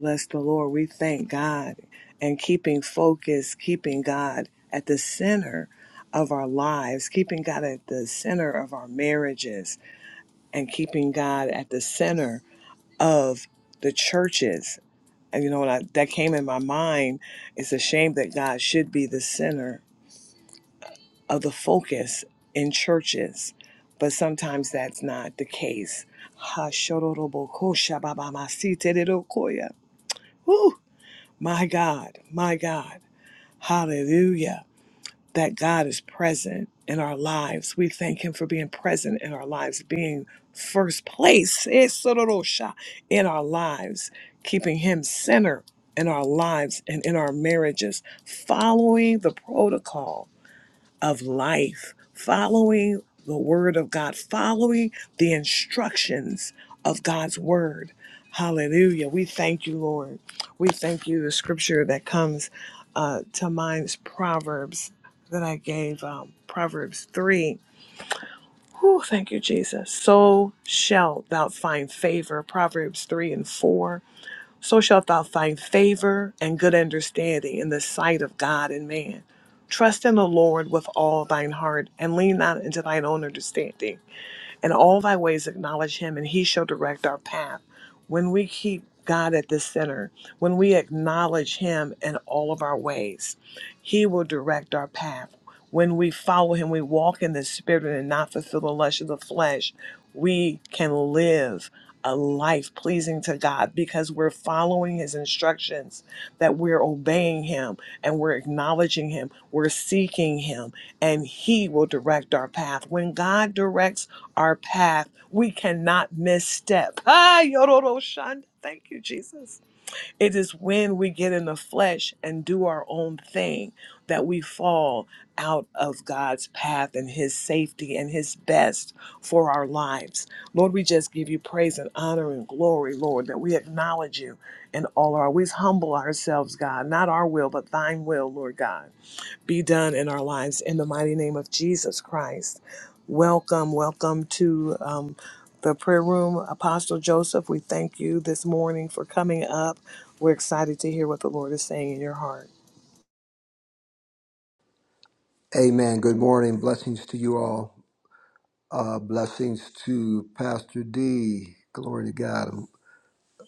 Speaker 1: Bless the Lord. We thank God and keeping focus, keeping God at the center of our lives, keeping God at the center of our marriages, and keeping God at the center of the churches. And you know, when I, that came in my mind, it's a shame that God should be the center of the focus in churches, but sometimes that's not the case. Ha, shodoroboko, shababamasi, tererokoya. Whew. My God, my God, hallelujah, that God is present in our lives. We thank Him for being present in our lives, being first place it's a little shot, in our lives, keeping Him center in our lives and in our marriages, following the protocol of life, following the word of God, following the instructions of God's word. Hallelujah. We thank you, Lord. We thank you. The scripture that comes uh, to mind is Proverbs that I gave, um, Proverbs 3. Whew, thank you, Jesus. So shalt thou find favor, Proverbs 3 and 4 so shalt thou find favor and good understanding in the sight of God and man. Trust in the Lord with all thine heart and lean not into thine own understanding. In all thy ways acknowledge him, and he shall direct our path. When we keep God at the center, when we acknowledge him in all of our ways, he will direct our path. When we follow him, we walk in the spirit and not fulfill the lust of the flesh. We can live a life pleasing to God because we're following his instructions that we're obeying Him and we're acknowledging Him, we're seeking Him, and He will direct our path. When God directs our path, we cannot misstep. Ah, yororo shanda. Thank you, Jesus. It is when we get in the flesh and do our own thing that we fall out of God's path and His safety and His best for our lives. Lord, we just give you praise and honor and glory, Lord, that we acknowledge you in all our ways. Humble ourselves, God, not our will, but thine will, Lord God be done in our lives in the mighty name of Jesus Christ. Welcome, welcome to um, the prayer room, Apostle Joseph. We thank you this morning for coming up. We're excited to hear what the Lord is saying in your heart.
Speaker 6: Amen. Good morning. Blessings to you all. Uh, blessings to Pastor D. Glory to God.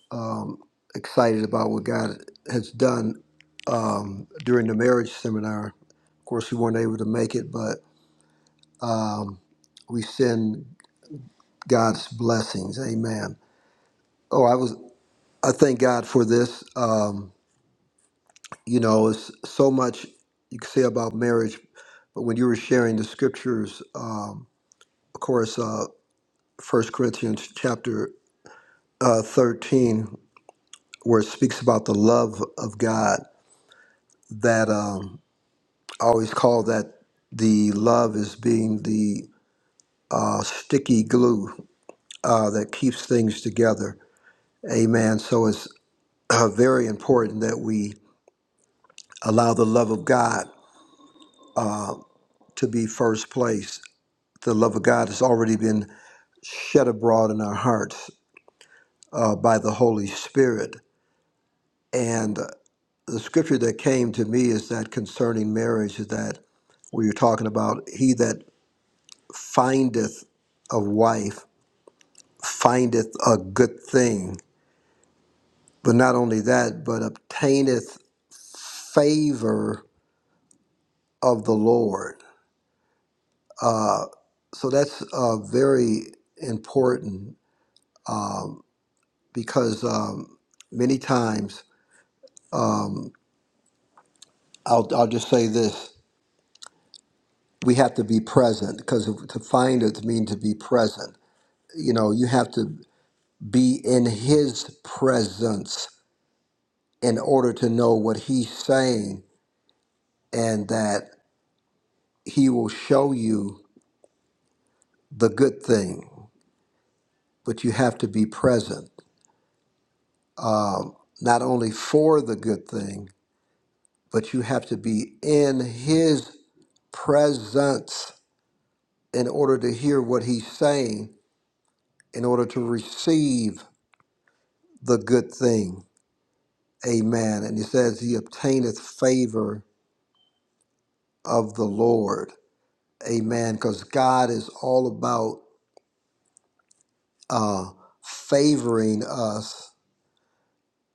Speaker 6: I'm um, excited about what God has done um, during the marriage seminar. Of course, we weren't able to make it, but um, we send God's blessings. Amen. Oh, I was. I thank God for this. Um, you know, it's so much you can say about marriage, but when you were sharing the scriptures, um, of course. Uh, First Corinthians chapter uh, 13, where it speaks about the love of God. That um, I always call that the love as being the uh, sticky glue uh, that keeps things together. Amen. So it's uh, very important that we allow the love of God to be first place. The love of God has already been shed abroad in our hearts uh, by the Holy Spirit. And the scripture that came to me is that concerning marriage is that where you're talking about he that findeth a wife findeth a good thing but not only that but obtaineth favor of the lord so that's uh, very important because um, many times I'll, I'll just say this we have to be present because to find it means to be present you know you have to be in his presence in order to know what he's saying and that he will show you the good thing. But you have to be present, not only for the good thing, but you have to be in his presence in order to hear what he's saying, in order to receive the good thing. Amen. And he says, He obtaineth favor of the Lord. Amen. Because God is all about uh, favoring us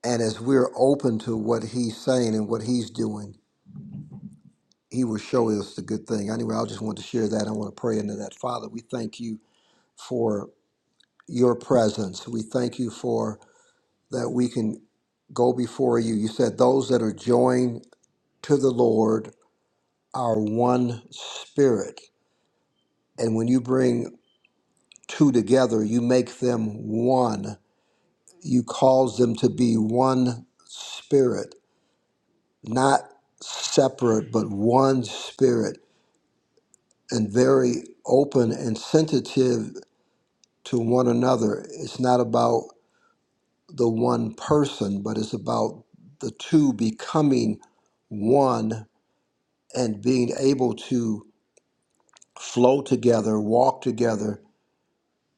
Speaker 6: And as we're open to what he's saying and what he's doing, he will show us the good thing. Anyway, I just want to share that. I want to pray into that. Father, we thank you for your presence. We thank you for that we can go before you. You said those that are joined to the Lord are one spirit. And when you bring two together, you make them one. You cause them to be one spirit, not separate, but one spirit and very open and sensitive to one another. It's not about the one person, but it's about the two becoming one and being able to flow together, walk together,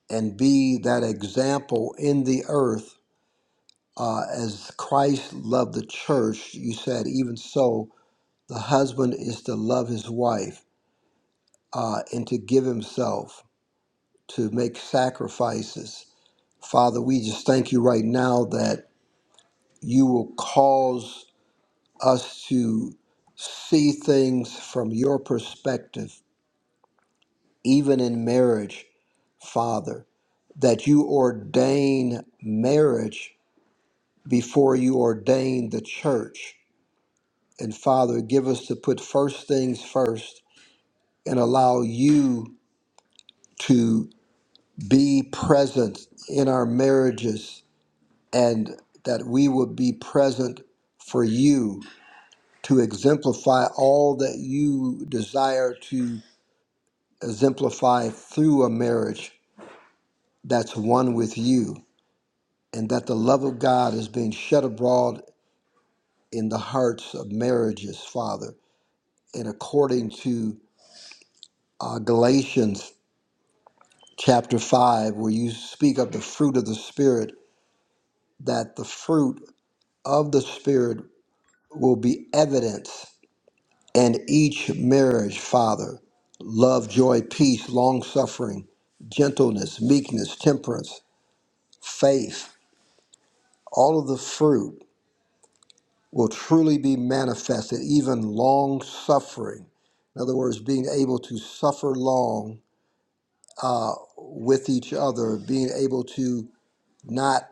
Speaker 6: and be that example in the earth uh, as Christ loved the church. You said, even so, the husband is to love his wife uh, and to give himself, to make sacrifices Father, we just thank you right now that you will cause us to see things from your perspective, even in marriage, Father, that you ordain marriage before you ordain the church. And Father, give us to put first things first and allow you to be present in our marriages and that we would be present for you to exemplify all that you desire to exemplify through a marriage that's one with you, and that the love of God is being shed abroad in the hearts of marriages, Father. And according to uh, Galatians chapter 5, where you speak of the fruit of the Spirit, that the fruit of the Spirit will be evidence and each marriage, Father, love, joy, peace, long suffering, gentleness, meekness, temperance, faith, all of the fruit will truly be manifested, even long suffering. In other words, being able to suffer long with each other, being able to not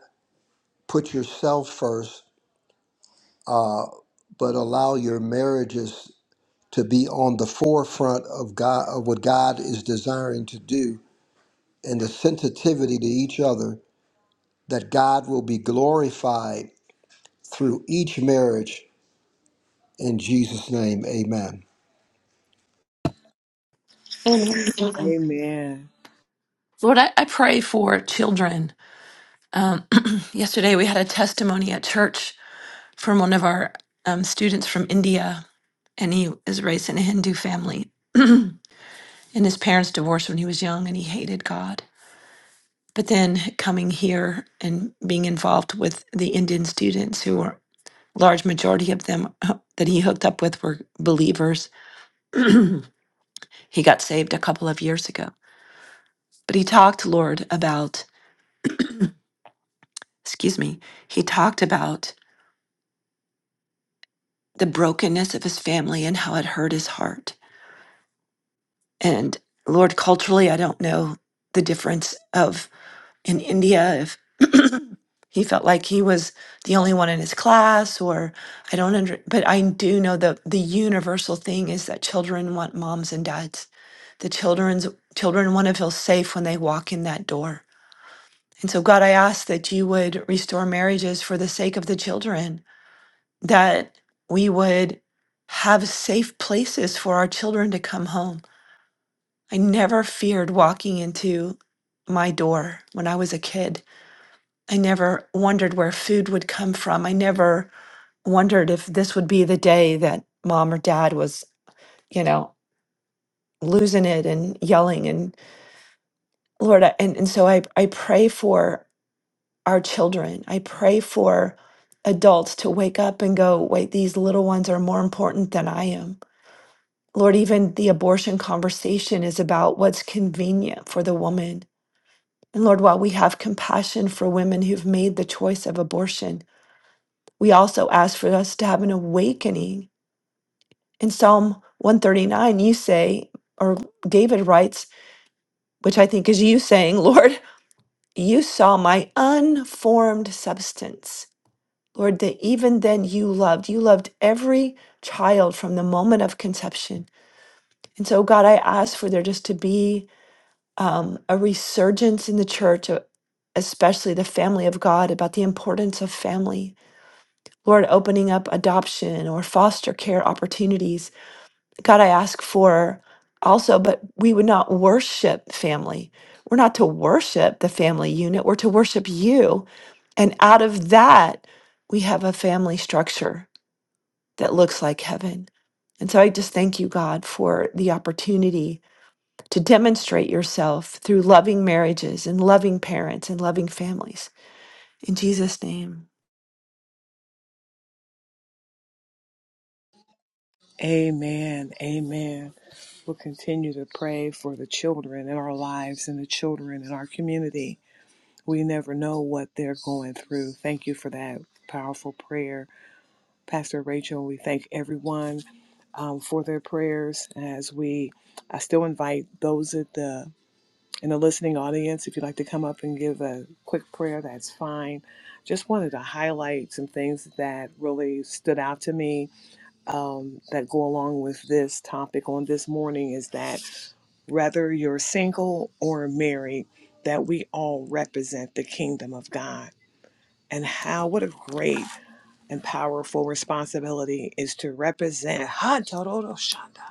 Speaker 6: put yourself first, but allow your marriages to be on the forefront of God of what God is desiring to do and the sensitivity to each other that God will be glorified through each marriage. In Jesus' name, amen.
Speaker 2: Amen.
Speaker 1: Amen.
Speaker 2: Lord, I, I pray for children. Um, yesterday we had a testimony at church from one of our um, students from India, and he is raised in a Hindu family. and his parents divorced when he was young, and he hated God. But then coming here and being involved with the Indian students, who were large majority of them uh, that he hooked up with were believers. he got saved a couple of years ago. But he talked, Lord, about excuse me. He talked about the brokenness of his family and how it hurt his heart And Lord, culturally, I don't know the difference of in India if he felt like he was the only one in his class, or I don't under, but I do know that the universal thing is that children want moms and dads. The children's children want to feel safe when they walk in that door. And so, God, I ask that you would restore marriages for the sake of the children, that we would have safe places for our children to come home I never feared walking into my door when I was a kid. I never wondered where food would come from. I never wondered if this would be the day that mom or dad was, you know, losing it and yelling and Lord, I, and, and so I, I pray for our children. I pray for adults to wake up and go, wait, these little ones are more important than I am. Lord, even the abortion conversation is about what's convenient for the woman And Lord, while we have compassion for women who've made the choice of abortion, we also ask for us to have an awakening. In Psalm 139, you say, or David writes, which I think is you saying, Lord, you saw my unformed substance. Lord, that even then you loved. You loved every child from the moment of conception. And so, God, I ask for there just to be um, a resurgence in the church, uh, especially the family of God, about the importance of family. Lord, opening up adoption or foster care opportunities. God, I ask for also, but we would not worship family. We're not to worship the family unit, we're to worship you. And out of that, we have a family structure that looks like heaven. And so I just thank you, God, for the opportunity to demonstrate yourself through loving marriages and loving parents and loving families. In Jesus' name.
Speaker 1: Amen. Amen. We'll continue to pray for the children in our lives and the children in our community. We never know what they're going through. Thank you for that powerful prayer. Pastor Rachel. We thank everyone um, for their prayers. As we, I still invite those at the in the listening audience. If you'd like to come up and give a quick prayer, that's fine. Just wanted to highlight some things that really stood out to me um, that go along with this topic on this morning. Is that whether you're single or married, that we all represent the kingdom of God and how, what a great and powerful responsibility is to represent Hataradoshanda,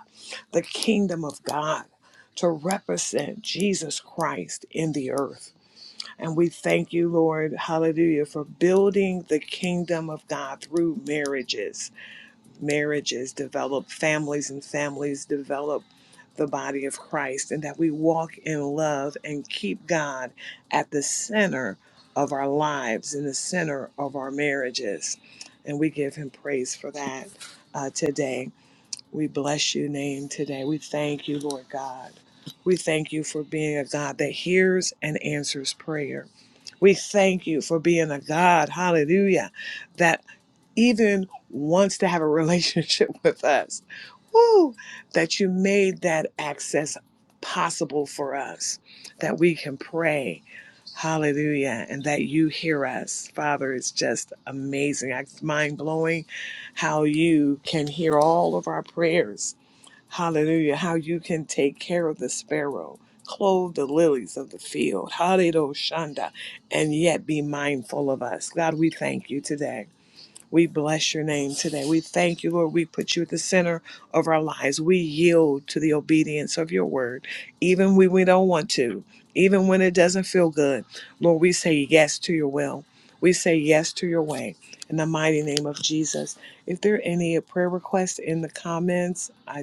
Speaker 1: the kingdom of God, to represent Jesus Christ in the earth. And we thank you, Lord, hallelujah, for building the kingdom of God through marriages marriages develop, families and families develop the body of Christ, and that we walk in love and keep God at the center of our lives, in the center of our marriages. And we give Him praise for that uh, today. We bless your name today. We thank you, Lord God. We thank you for being a God that hears and answers prayer. We thank you for being a God, hallelujah, that even wants to have a relationship with us. Woo! That you made that access possible for us, that we can pray. Hallelujah. And that you hear us. Father, it's just amazing. It's mind blowing how you can hear all of our prayers. Hallelujah. How you can take care of the sparrow, clothe the lilies of the field. Hallelujah. Shanda. And yet be mindful of us. God, we thank you today. We bless your name today. We thank you, Lord. We put you at the center of our lives. We yield to the obedience of your word, even when we don't want to, even when it doesn't feel good. Lord, we say yes to your will. We say yes to your way. In the mighty name of Jesus. If there are any prayer requests in the comments, I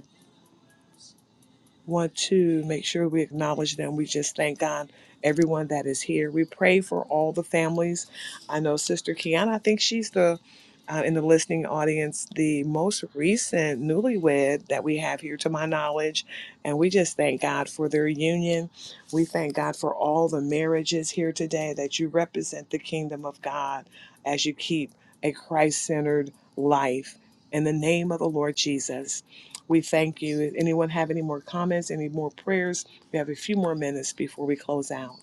Speaker 1: want to make sure we acknowledge them. We just thank God, everyone that is here. We pray for all the families. I know Sister Kiana, I think she's the, uh, in the listening audience, the most recent newlywed that we have here, to my knowledge. And we just thank God for their union. We thank God for all the marriages here today that you represent the kingdom of God as you keep a Christ centered life. In the name of the Lord Jesus, we thank you. If anyone have any more comments, any more prayers, we have a few more minutes before we close out.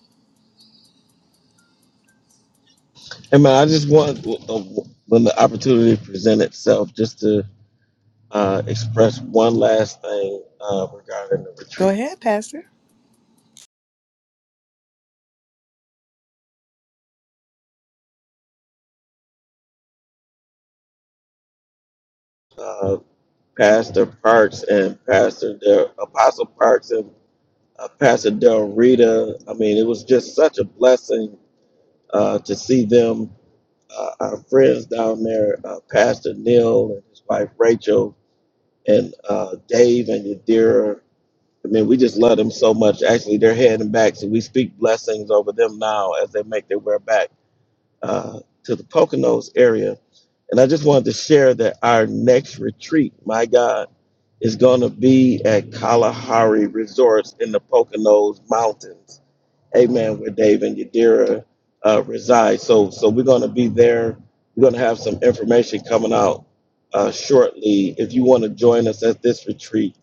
Speaker 3: Amen. I just want, when the opportunity presents itself, just to uh, express one last thing uh, regarding the
Speaker 1: Go
Speaker 3: retreat.
Speaker 1: ahead, Pastor.
Speaker 3: Uh, Pastor Parks and Pastor their Apostle Parks and uh, Pastor Del Rita. I mean, it was just such a blessing uh, to see them, uh, our friends down there, uh, Pastor Neil and his wife Rachel, and uh, Dave and Yadira. I mean, we just love them so much. Actually, they're heading back, so we speak blessings over them now as they make their way back uh, to the Poconos area. And I just wanted to share that our next retreat, my God, is going to be at Kalahari Resorts in the Poconos Mountains amen, where Dave and Yadira uh, reside. So, so we're going to be there. We're going to have some information coming out uh, shortly. If you want to join us at this retreat,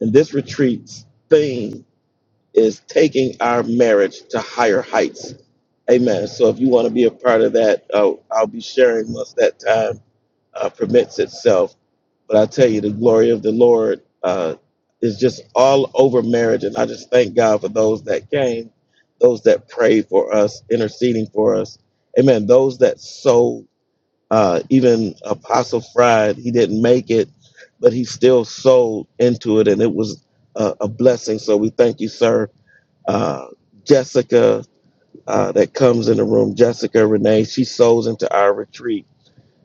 Speaker 3: and this retreat's theme is taking our marriage to higher heights. Amen. So, if you want to be a part of that, uh, I'll be sharing once that time uh, permits itself. But I tell you, the glory of the Lord uh, is just all over marriage. And I just thank God for those that came, those that prayed for us, interceding for us. Amen. Those that sold, uh, even Apostle Fried, he didn't make it, but he still sold into it. And it was a, a blessing. So we thank you, sir. Uh, Jessica, uh, that comes in the room, Jessica Renee, she sows into our retreat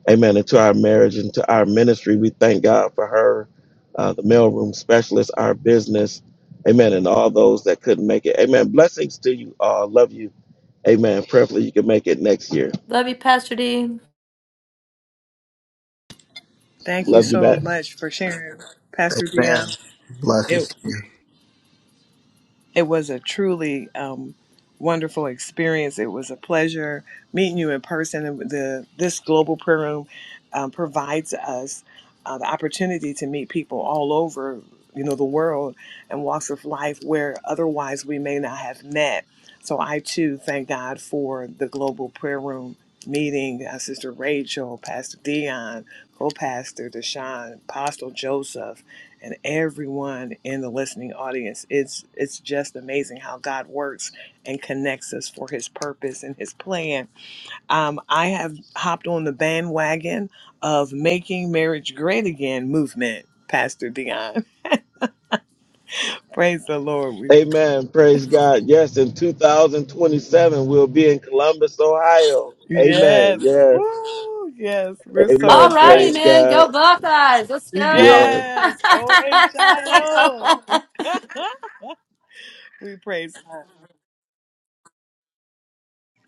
Speaker 3: Amen. Into our marriage, into our ministry, we thank God for her, uh, the mailroom specialist, our business. Amen. And all those that couldn't make it. Amen. Blessings to you all. Love you. Amen. Prayerfully, you can make it next year.
Speaker 2: Love you, Pastor D.
Speaker 1: Thank you
Speaker 3: Love you
Speaker 1: so
Speaker 3: back.
Speaker 1: much for sharing, Pastor
Speaker 6: Amen.
Speaker 1: Dion. It
Speaker 6: Blessings to you.
Speaker 1: It was a truly um, wonderful experience. It was a pleasure meeting you in person. And The this global prayer room um, provides us uh, the opportunity to meet people all over, you know, the world and walks of life where otherwise we may not have met. So I too thank God for the global prayer room meeting. Uh, Sister Rachel, Pastor Dion, co-pastor Deshaun, Apostle Joseph and everyone in the listening audience. It's it's just amazing how God works and connects us for His purpose and His plan. Um, I have hopped on the bandwagon of making marriage great again movement, Pastor Dion. Praise the Lord. We,
Speaker 3: Amen. Praise God. Yes, in 2027, we'll be in Columbus, Ohio. Amen.
Speaker 1: yes,
Speaker 3: Yes.
Speaker 1: Woo, yes, we're so
Speaker 2: All
Speaker 3: Amen.
Speaker 2: righty,
Speaker 3: Praise
Speaker 1: excited.
Speaker 2: man. Go
Speaker 3: God.
Speaker 2: Buckeyes. Let's go.
Speaker 3: Yes.
Speaker 1: Yes, O H I O. We praise. God.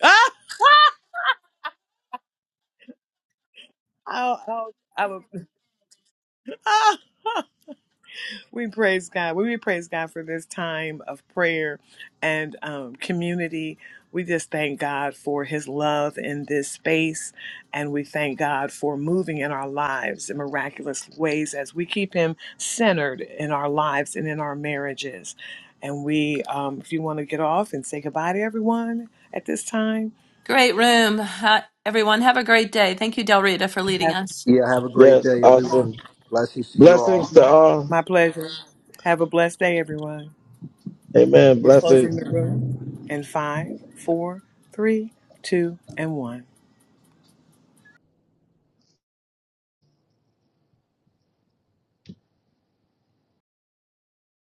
Speaker 1: Ah, ow, ow, I'm ah. We praise God. We praise God for this time of prayer and um, community. We just thank God for his love in this space. And we thank God for moving in our lives in miraculous ways as we keep him centered in our lives and in our marriages. And we, um, if you want to get off and say goodbye to everyone at this time,
Speaker 2: great room. Ha- everyone, have a great day. Thank you, Del Rita, for leading
Speaker 1: have
Speaker 2: us.
Speaker 6: Yeah, have a great
Speaker 3: Yes.
Speaker 6: day,
Speaker 1: my,
Speaker 6: everyone.
Speaker 3: Awesome.
Speaker 6: Blessings to you
Speaker 3: Blessings
Speaker 6: all.
Speaker 3: to
Speaker 1: my,
Speaker 3: all.
Speaker 1: my pleasure. Have a blessed day, everyone.
Speaker 3: Amen.
Speaker 1: We're
Speaker 3: Blessings.
Speaker 1: closing the room in five, four, three, two, and one.